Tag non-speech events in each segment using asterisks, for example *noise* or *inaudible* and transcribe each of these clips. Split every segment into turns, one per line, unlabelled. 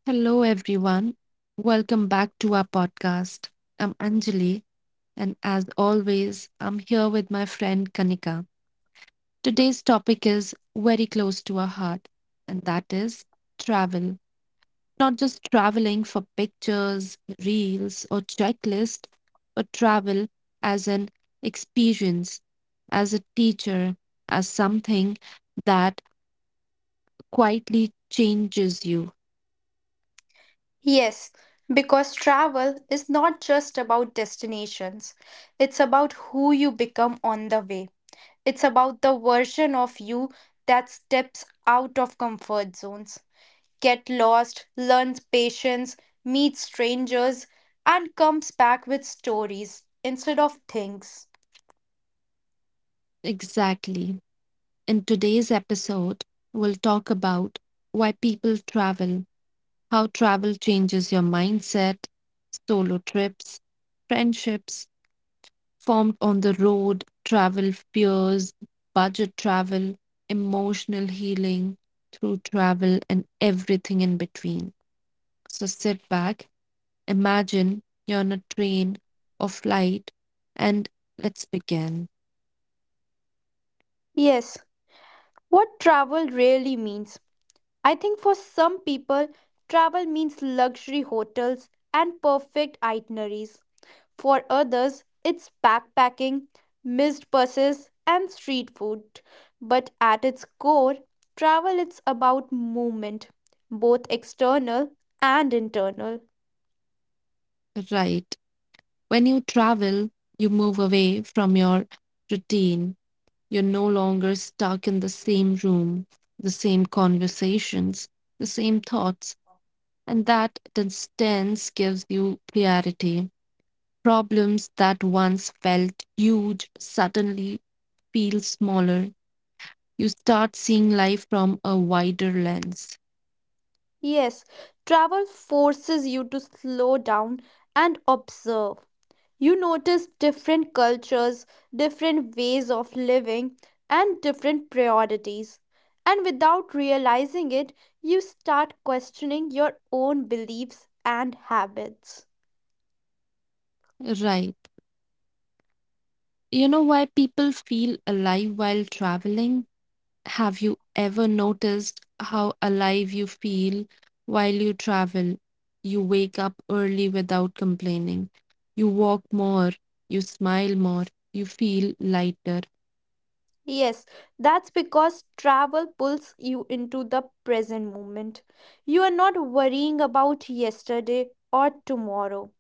Hello, everyone. Welcome back to our podcast. I'm Anjali, and as always, I'm here with my friend Kanika. Today's topic is very close to our heart, and that is travel. Not just traveling for pictures, reels, or checklist, but travel as an experience, as a teacher, as something that quietly changes you.
Yes, because travel is not just about destinations, it's about who you become on the way. It's about the version of you that steps out of comfort zones, get lost, learns patience, meets strangers, and comes back with stories instead of things.
Exactly. In today's episode, we'll talk about why people travel, how travel changes your mindset, solo trips, friendships formed on the road, travel fears, budget travel, emotional healing through travel, and everything in between. So sit back, imagine you're on a train or flight, and let's begin.
Yes, what travel really means. I think for some people, travel means luxury hotels and perfect itineraries. For others, it's backpacking, missed buses, and street food. But at its core, travel is about movement, both external and internal.
Right. When you travel, you move away from your routine. You're no longer stuck in the same room, the same conversations, the same thoughts, and that distance gives you clarity. Problems that once felt huge suddenly feel smaller. You start seeing life from a wider lens.
Yes, travel forces you to slow down and observe. You notice different cultures, different ways of living, and different priorities. And without realizing it, you start questioning your own beliefs and habits.
Right. You know why people feel alive while traveling? Have you ever noticed how alive you feel while you travel? You wake up early without complaining. You walk more. You smile more. You feel lighter.
Yes, that's because travel pulls you into the present moment. You are not worrying about yesterday or tomorrow,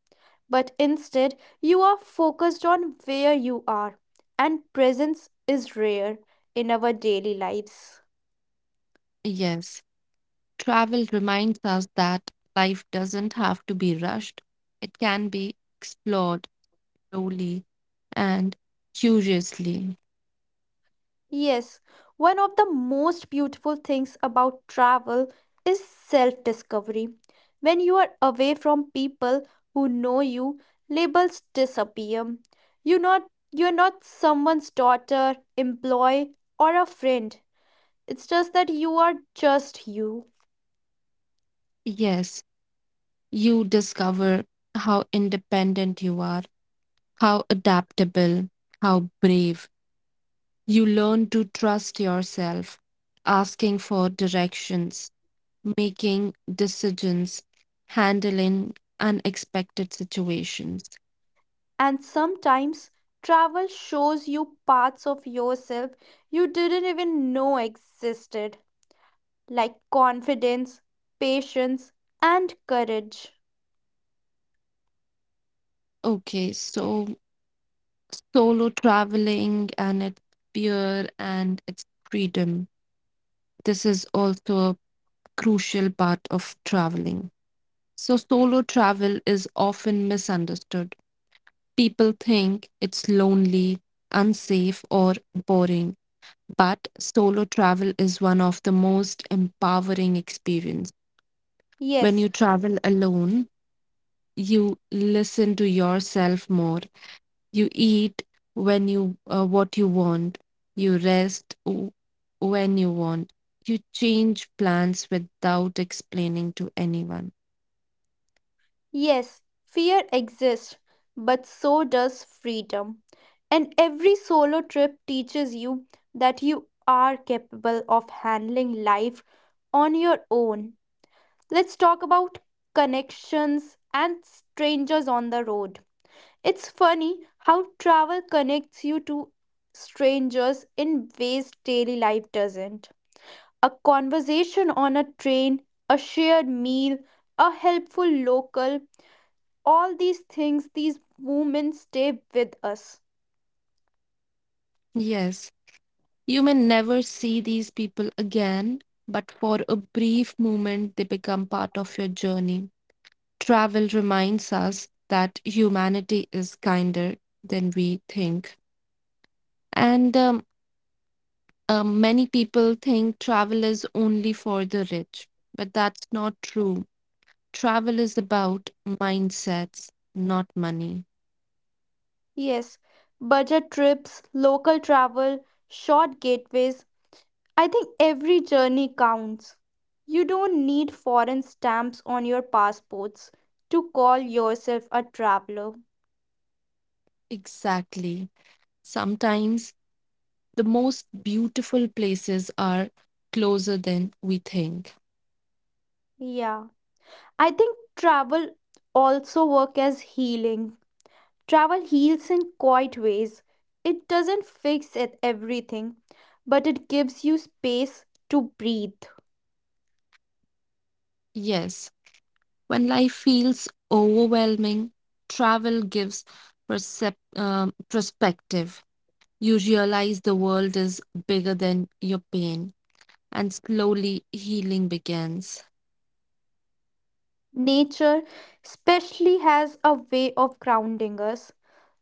but instead you are focused on where you are, and presence is rare in our daily lives.
Yes, travel reminds us that life doesn't have to be rushed, it can be explored slowly and curiously.
Yes, one of the most beautiful things about travel is self discovery. When you are away from people who know you, labels disappear. You're not, you're not someone's daughter, employee, or a friend. It's just that you are just you.
Yes, you discover how independent you are, how adaptable, how brave. You learn to trust yourself, asking for directions, making decisions, handling unexpected situations.
And sometimes travel shows you parts of yourself you didn't even know existed, like confidence, patience, and courage.
Okay, so solo traveling and its fear and its freedom. This is also a crucial part of traveling. So, solo travel is often misunderstood. People think it's lonely, unsafe, or boring, but solo travel is one of the most empowering experience. When
Yes,
you travel alone, you listen to yourself more. You eat when you what you want. You rest when you want. You change plans without explaining to anyone.
yes, fear exists, but so does freedom. And every solo trip teaches you that you are capable of handling life on your own. Let's talk about connections and strangers on the road. It's funny how travel connects you to strangers in ways daily life doesn't. A conversation on a train, a shared meal, a helpful local, all these things, these moments stay with us.
Yes, you may never see these people again, but for a brief moment they become part of your journey. Travel reminds us that humanity is kinder than we think. And Many people think travel is only for the rich, but that's not true. Travel is about mindsets, not money.
Yes, budget trips, local travel, short gateways, I think every journey counts. You don't need foreign stamps on your passports to call yourself a traveler.
Exactly. Sometimes the most beautiful places are closer than we think.
Yeah. I think travel also work as healing. Travel heals in quiet ways. It doesn't fix it everything, but it gives you space to breathe.
Yes, when life feels overwhelming, travel gives perspective. You realize the world is bigger than your pain, and slowly healing begins.
Nature especially has a way of grounding us,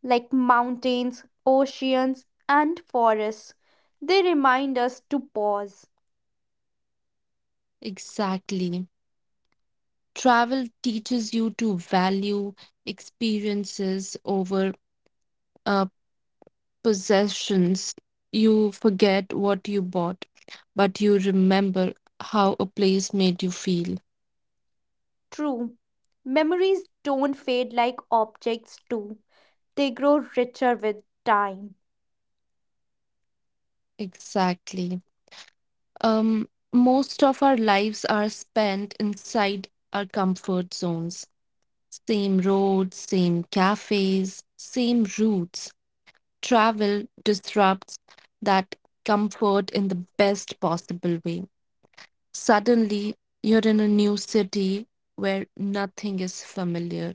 like mountains, oceans, and forests. They remind us to pause.
Exactly. Travel teaches you to value experiences over uh, possessions. You forget what you bought, but you remember how a place made you feel.
True, memories don't fade like objects do. They grow richer with time.
Exactly. Most of our lives are spent inside our comfort zones. Same roads, same cafes, same routes. Travel disrupts that comfort in the best possible way. Suddenly, you're in a new city where nothing is familiar.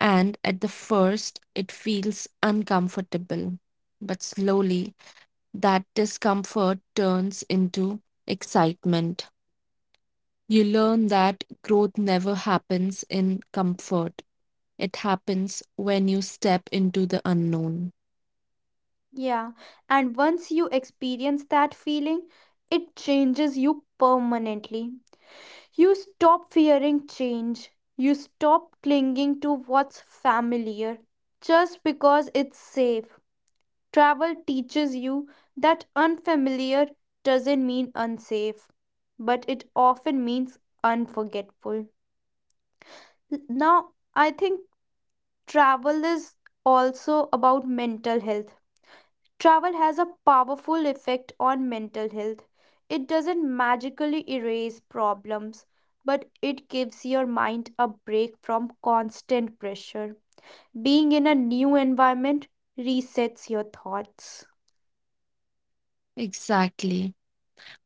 And at the first, it feels uncomfortable. But slowly, that discomfort turns into excitement. You learn that growth never happens in comfort. It happens when you step into the unknown.
Yeah, and once you experience that feeling, it changes you permanently. You stop fearing change, you stop clinging to what's familiar just because it's safe. Travel teaches you that unfamiliar doesn't mean unsafe, but it often means unforgettable. Now, I think travel is also about mental health. Travel has a powerful effect on mental health. It doesn't magically erase problems, but it gives your mind a break from constant pressure. Being in a new environment resets your thoughts.
Exactly.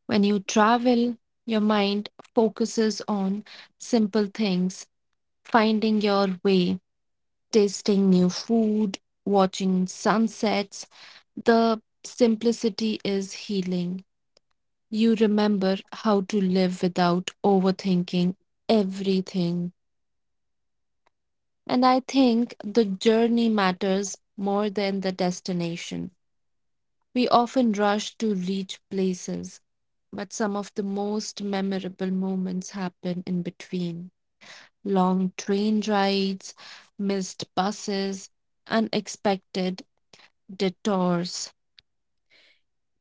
When you travel, your mind focuses on simple things, finding your way, tasting new food, watching sunsets. The simplicity is healing. You remember how to live without overthinking everything. And I think the journey matters more than the destination. We often rush to reach places, but some of the most memorable moments happen in between. Long train rides, missed buses, unexpected detours.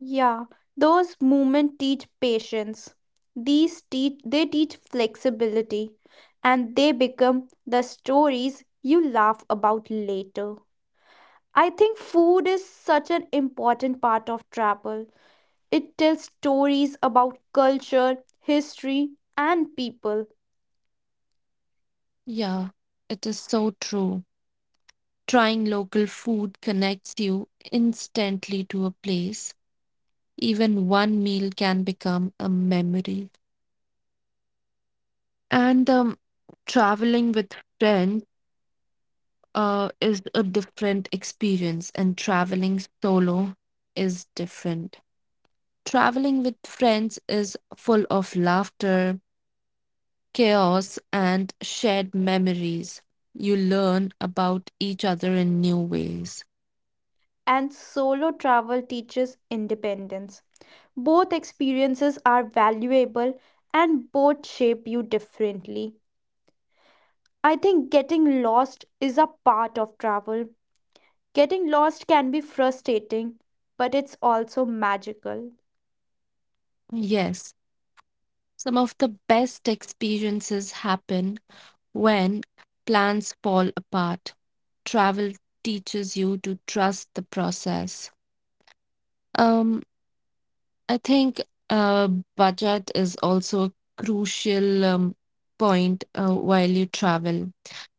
Yeah, those movements teach patience. These teach they teach flexibility and they become the stories you laugh about later. I think food is such an important part of travel. It tells stories about culture, history, and people,
Yeah, it is so true. Trying local food connects you instantly to a place. Even one meal can become a memory. And traveling with friends is a different experience, and traveling solo is different. Traveling with friends is full of laughter, chaos, and shared memories. You learn about each other in new ways.
and solo travel teaches independence. Both experiences are valuable and both shape you differently. I think getting lost is a part of travel. Getting lost can be frustrating, but it's also magical.
Yes, some of the best experiences happen when plans fall apart. Travel teaches you to trust the process. Um, I think uh, budget is also a crucial point while you travel.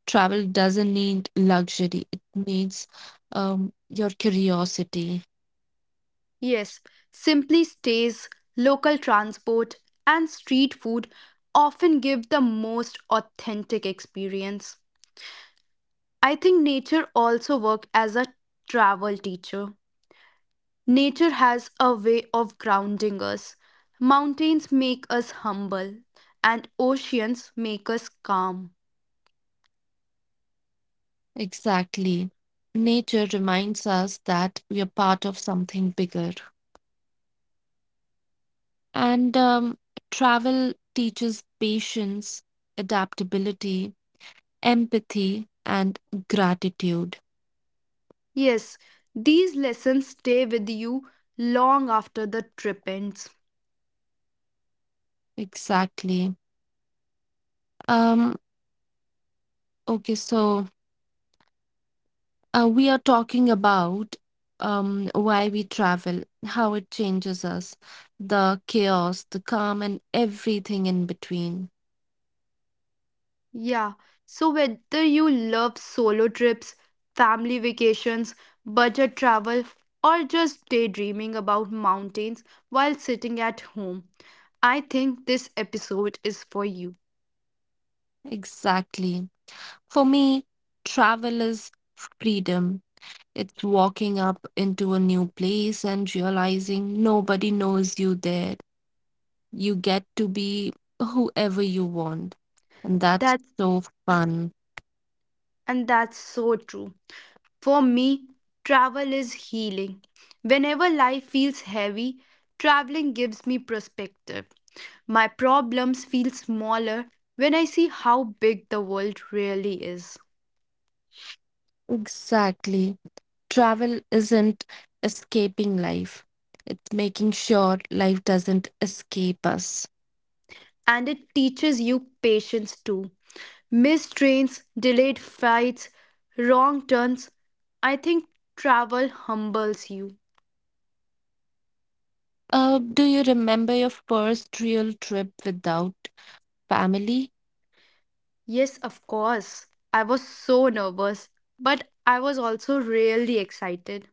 Travel doesn't need luxury, it needs your curiosity.
Yes, simply stays, local transport, and street food often give the most authentic experience. I think nature also works as a travel teacher. Nature has a way of grounding us. Mountains make us humble, and oceans make us calm.
Exactly. Nature reminds us that we are part of something bigger. And travel teaches patience, adaptability, empathy and gratitude.
Yes, these lessons stay with you long after the trip ends.
Exactly. um okay so we are talking about why we travel, how it changes us, the chaos, the calm, and everything in between.
Yeah, so whether you love solo trips, family vacations, budget travel, or just daydreaming about mountains while sitting at home, I think this episode is for you.
Exactly, for me travel is freedom. It's walking up into a new place and realizing nobody knows you there. You get to be whoever you want. And that's
That's
so fun.
and that's so true. For me, travel is healing. Whenever life feels heavy, traveling gives me perspective. My problems feel smaller when I see how big the world really is.
Exactly. Travel isn't escaping life, it's making sure life doesn't escape us.
And it teaches you patience too. Missed trains, delayed flights, wrong turns. I think travel humbles you.
Do you remember your first real trip without family?
Yes, of course. I was so nervous, but I was also really excited.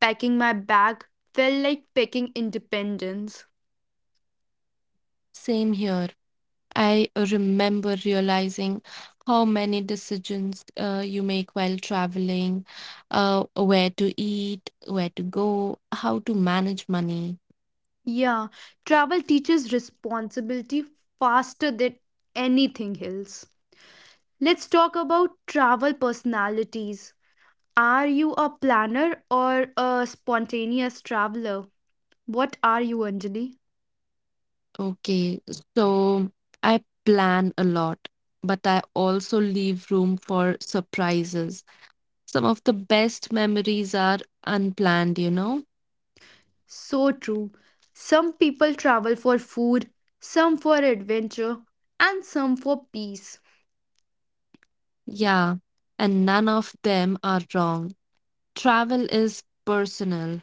Packing my bag felt like packing independence.
Same here. I remember realizing how many decisions you make while traveling, where to eat, where to go, how to manage money.
Yeah, travel teaches responsibility faster than anything else. Let's talk about travel personalities. Are you a planner or a spontaneous traveler? What are you, Anjali?
Okay, so I plan a lot, but I also leave room for surprises. Some of the best memories are unplanned, you know?
So true. Some people travel for food, some for adventure, and some for peace.
Yeah, and none of them are wrong. Travel is personal.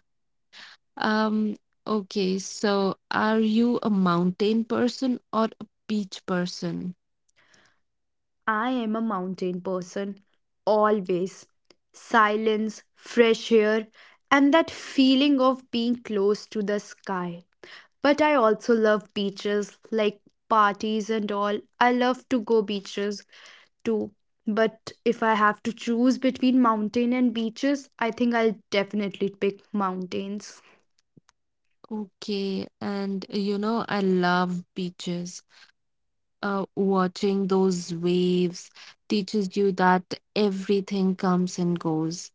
Um, okay, so are you a mountain person or a beach person?
I am a mountain person, always. Silence, fresh air, and that feeling of being close to the sky. But I also love beaches, like parties and all. I love to go beaches too. But if I have to choose between mountain and beaches, I think I'll definitely pick mountains.
Okay, and you know, I love beaches. Watching those waves teaches you that everything comes and goes.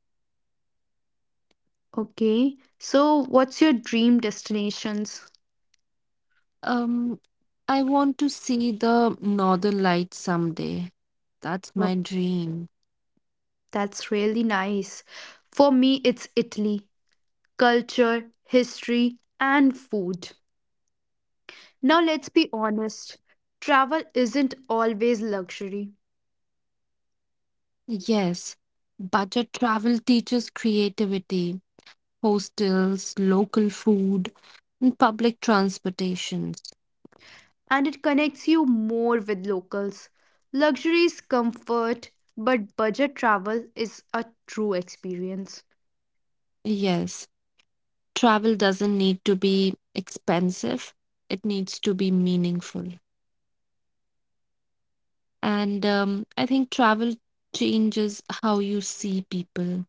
Okay. So, what's your dream destinations?
Um, I want to see the Northern Lights someday. That's my
Well,
dream.
that's really nice. For me, it's Italy. Culture, history, and food. Now, let's be honest. Travel isn't always luxury.
Yes, budget travel teaches creativity, hostels, local food. Mm, public transportations.
And it connects you more with locals. Luxury is comfort, but budget travel is a true experience.
Yes. Travel doesn't need to be expensive, it needs to be meaningful. And I think travel changes how you see people.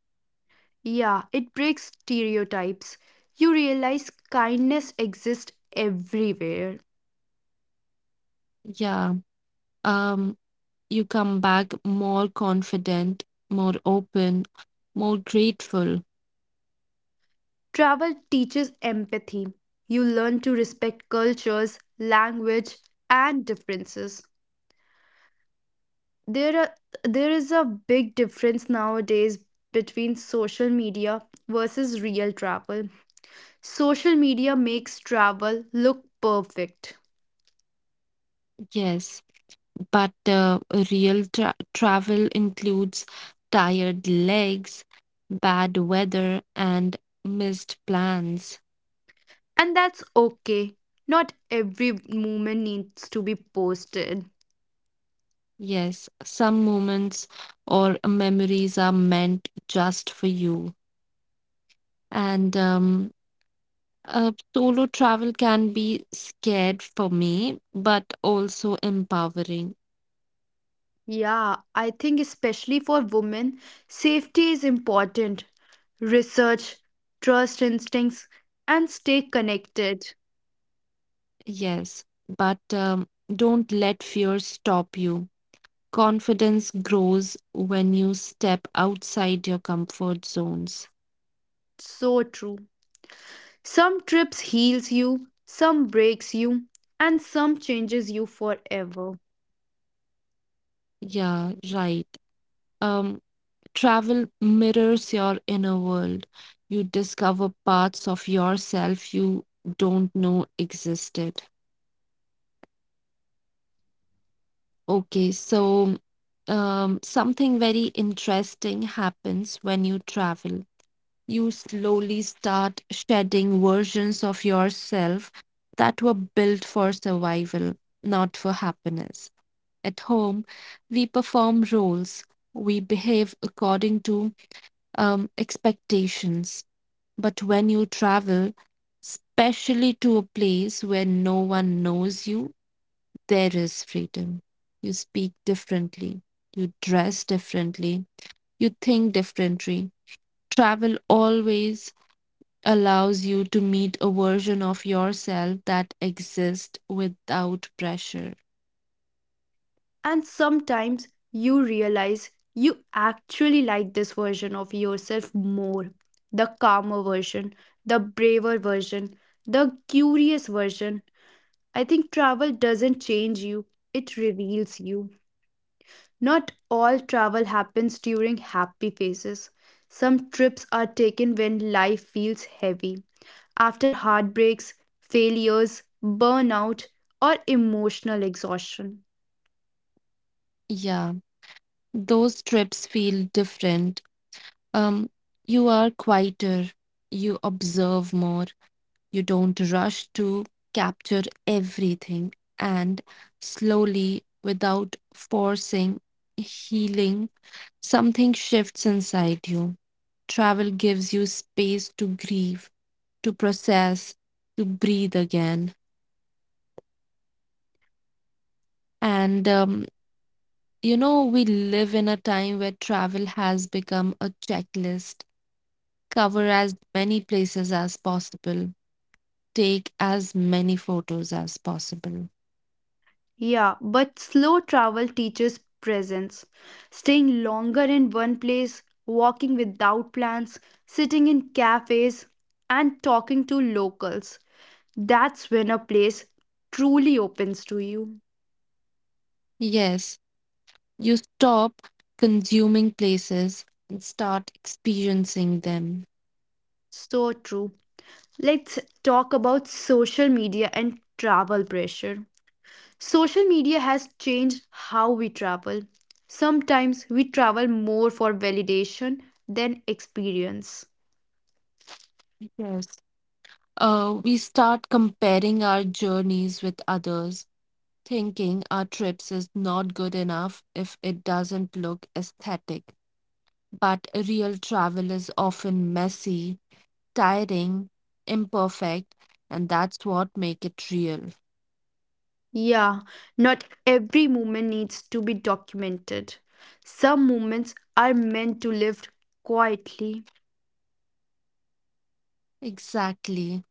Yeah, it breaks stereotypes. You realize kindness exists everywhere.
Yeah. Um, you come back more confident, more open, more grateful.
Travel teaches empathy. You learn to respect cultures, language, and differences. There are there is a big difference nowadays between social media versus real travel. Social media makes travel look perfect.
Yes. But real travel includes tired legs, bad weather, and missed plans.
And that's okay. Not every moment needs to be posted.
Yes, some moments or memories are meant just for you. And Solo travel can be scared for me, but also empowering.
Yeah, I think especially for women, safety is important. Research, trust instincts, and stay connected.
Yes, but don't let fear stop you. Confidence grows when you step outside your comfort zones.
So true. Some trips heals you, some breaks you, and some changes you forever.
Yeah, right. Um, travel mirrors your inner world. You discover parts of yourself you don't know existed. Okay, so something very interesting happens when you travel. You slowly start shedding versions of yourself that were built for survival, not for happiness. At home, we perform roles, we behave according to expectations. But when you travel, especially to a place where no one knows you, there is freedom. You speak differently, you dress differently, you think differently. Travel always allows you to meet a version of yourself that exists without pressure.
And sometimes you realize you actually like this version of yourself more, the calmer version, the braver version, the curious version. I think travel doesn't change you, it reveals you. Not all travel happens during happy phases. Some trips are taken when life feels heavy, after heartbreaks, failures, burnout, or emotional exhaustion.
Yeah, those trips feel different. Um, you are quieter, you observe more. You don't rush to capture everything, and slowly, without forcing healing, something shifts inside you. Travel gives you space to grieve, to process, to breathe again. And you know, we live in a time where travel has become a checklist. Cover as many places as possible, take as many photos as possible.
Yeah, but slow travel teaches presence. Staying longer in one place, walking without plans, sitting in cafes, and talking to locals. That's when a place truly opens to you.
Yes, you stop consuming places and start experiencing them.
So true. Let's talk about social media and travel pressure. Social media has changed how we travel. Sometimes we travel more for validation than experience.
Yes. We start comparing our journeys with others, thinking our trips is not good enough if it doesn't look aesthetic. But real travel is often messy, tiring, imperfect, and that's what make it real.
Yeah, not every moment needs to be documented. Some moments are meant to live quietly,
Exactly.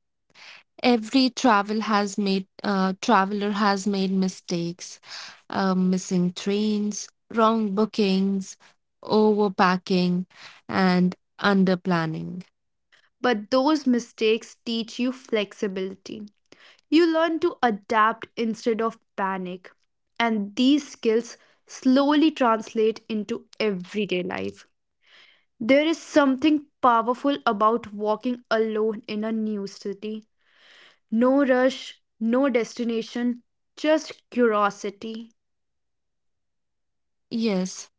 Every travel has made traveler has made mistakes, missing trains, wrong bookings, overpacking, and underplanning.
but those mistakes teach you flexibility. You learn to adapt instead of panic, and these skills slowly translate into everyday life. There is something powerful about walking alone in a new city. No rush, no destination, just curiosity.
Yes,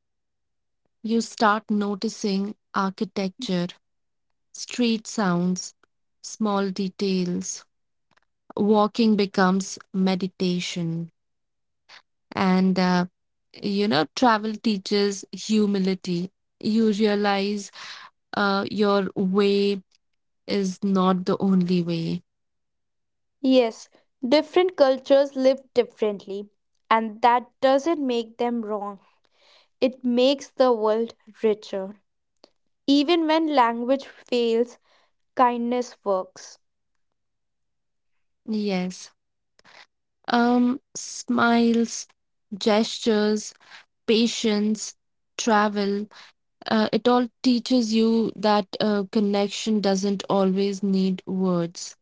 you start noticing architecture, street sounds, small details. Walking becomes meditation, and you know travel teaches humility. You realize your way is not the only way.
Yes, different cultures live differently, and that doesn't make them wrong. It makes the world richer. Even when language fails, kindness works.
Yes. Smiles, gestures, patience, travel, it all teaches you that connection doesn't always need words.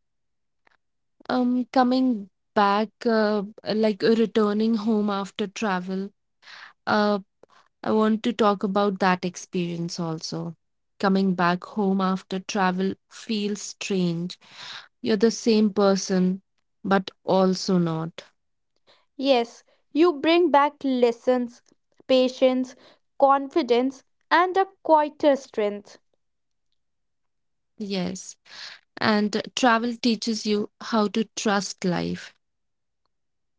Coming back, like Returning home after travel, uh, I want to talk about that experience also. Coming back home after travel feels strange. You're the same person, but also not.
Yes, you bring back lessons, patience, confidence, and a quieter strength.
Yes. And travel teaches you how to trust life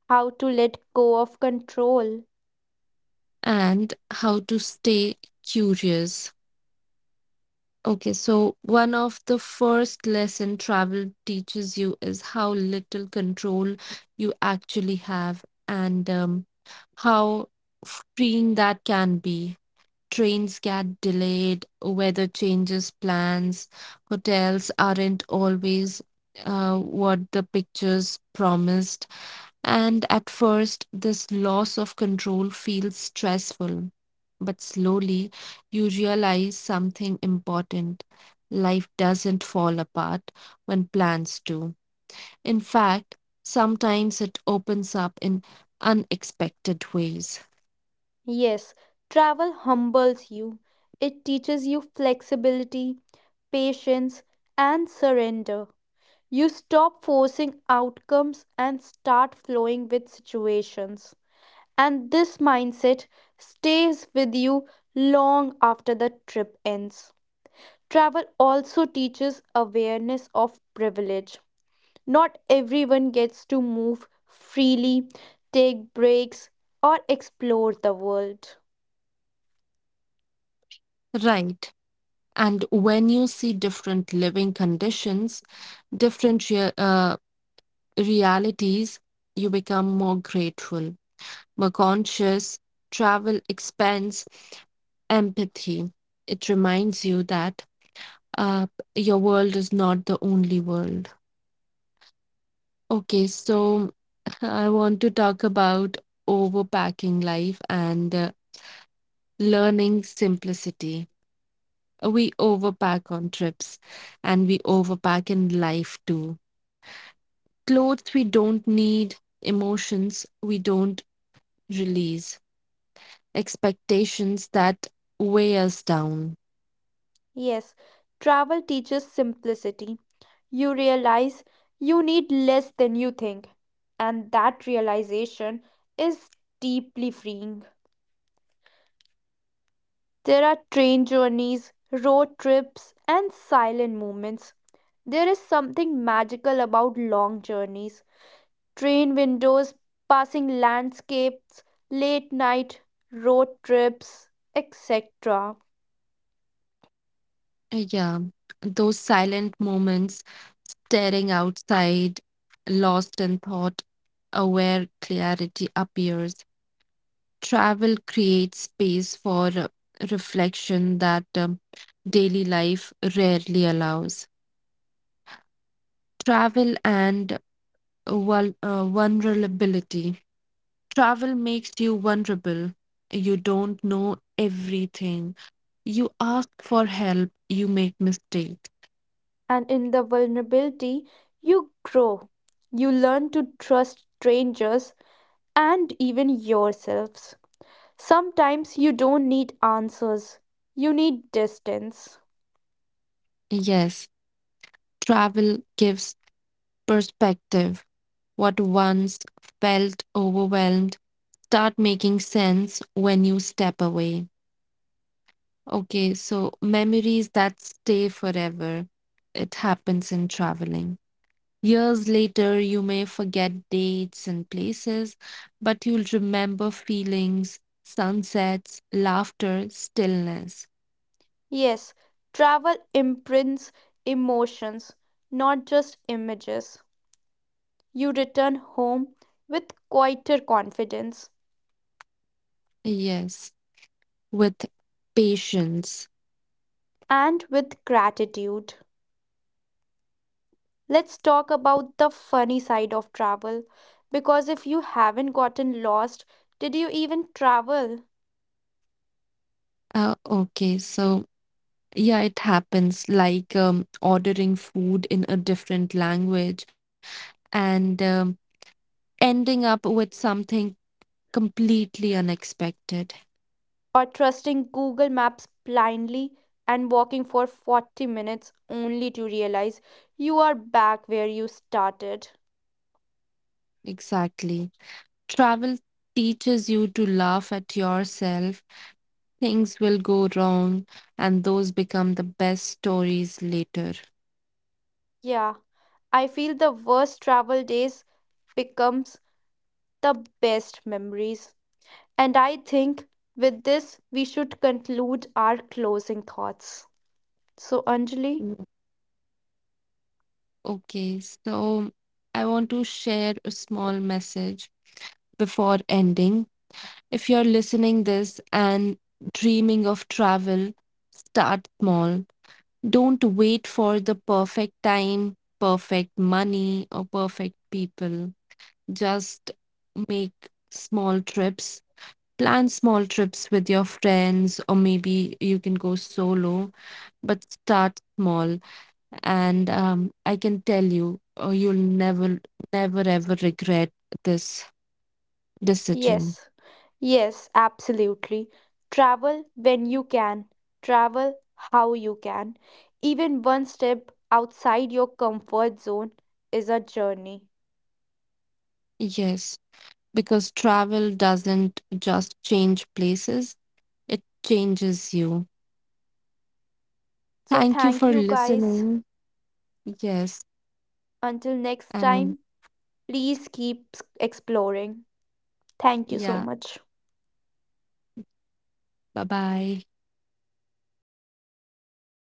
How to let go of control.
and how to stay curious. Okay, so one of the first lesson travel teaches you is how little control you actually have, and how freeing that can be. Trains get delayed, weather changes plans, hotels aren't always what the pictures promised, and at first, this loss of control feels stressful. But slowly, you realize something important. Life doesn't fall apart when plans do. In fact, sometimes it opens up in unexpected ways.
Yes, travel humbles you. It teaches you flexibility, patience, and surrender. You stop forcing outcomes and start flowing with situations. And this mindset stays with you long after the trip ends. Travel also teaches awareness of privilege. Not everyone gets to move freely, take breaks, or explore the world.
Right. And when you see different living conditions, different realities, you become more grateful, more conscious, travel expense, empathy. It reminds you that uh, your world is not the only world. Okay, so *laughs* I want to talk about overpacking life and learning simplicity. We overpack on trips and we overpack in life too. Clothes we don't need, emotions we don't release, expectations that weigh us down.
Yes, travel teaches simplicity. You realize you need less than you think, and that realization is deeply freeing. There are train journeys, road trips, and silent moments. There is something magical about long journeys. Train windows, passing landscapes, late night road trips, etc.
Yeah, those silent moments, staring outside, lost in thought, aware clarity appears. Travel creates space for reflection that daily life rarely allows. Travel and vulnerability. Travel makes you vulnerable. You don't know everything. You ask for help. You make mistakes.
And in the vulnerability, you grow. You learn to trust strangers and even yourselves. Sometimes you don't need answers, you need distance.
Yes, travel gives perspective. What once felt overwhelmed start making sense when you step away. Okay, so memories that stay forever. It happens in traveling. Years later, you may forget dates and places, but you'll remember feelings, sunsets, laughter, stillness.
Yes, travel imprints emotions, not just images. You return home with quieter confidence
Yes, with patience.
and with gratitude. Let's talk about the funny side of travel. Because if you haven't gotten lost, did you even travel?
Okay, so yeah, it happens like ordering food in a different language and ending up with something completely unexpected.
Or trusting Google Maps blindly and walking for 40 minutes only to realize you are back where you started?
Exactly. Travel teaches you to laugh at yourself. Things will go wrong, and those become the best stories later.
Yeah, I feel the worst travel days becomes the best memories. And I think with this, we should conclude our closing thoughts. So, Anjali,
Mm. Okay, so I want to share a small message before ending. If you're listening this and dreaming of travel, start small. Don't wait for the perfect time, perfect money or perfect people. Just make small trips. Plan small trips with your friends or maybe you can go solo, but start small, and I can tell you you'll never ever regret this decision.
yes, yes, absolutely. Travel when you can, travel how you can. Even one step outside your comfort zone is a journey.
Yes. Because travel doesn't just change places, it changes you.
So,
Thank you
thank
for
you guys.
listening. Yes.
Until next
And
time, please keep exploring. Thank you so
yeah,
much.
bye bye.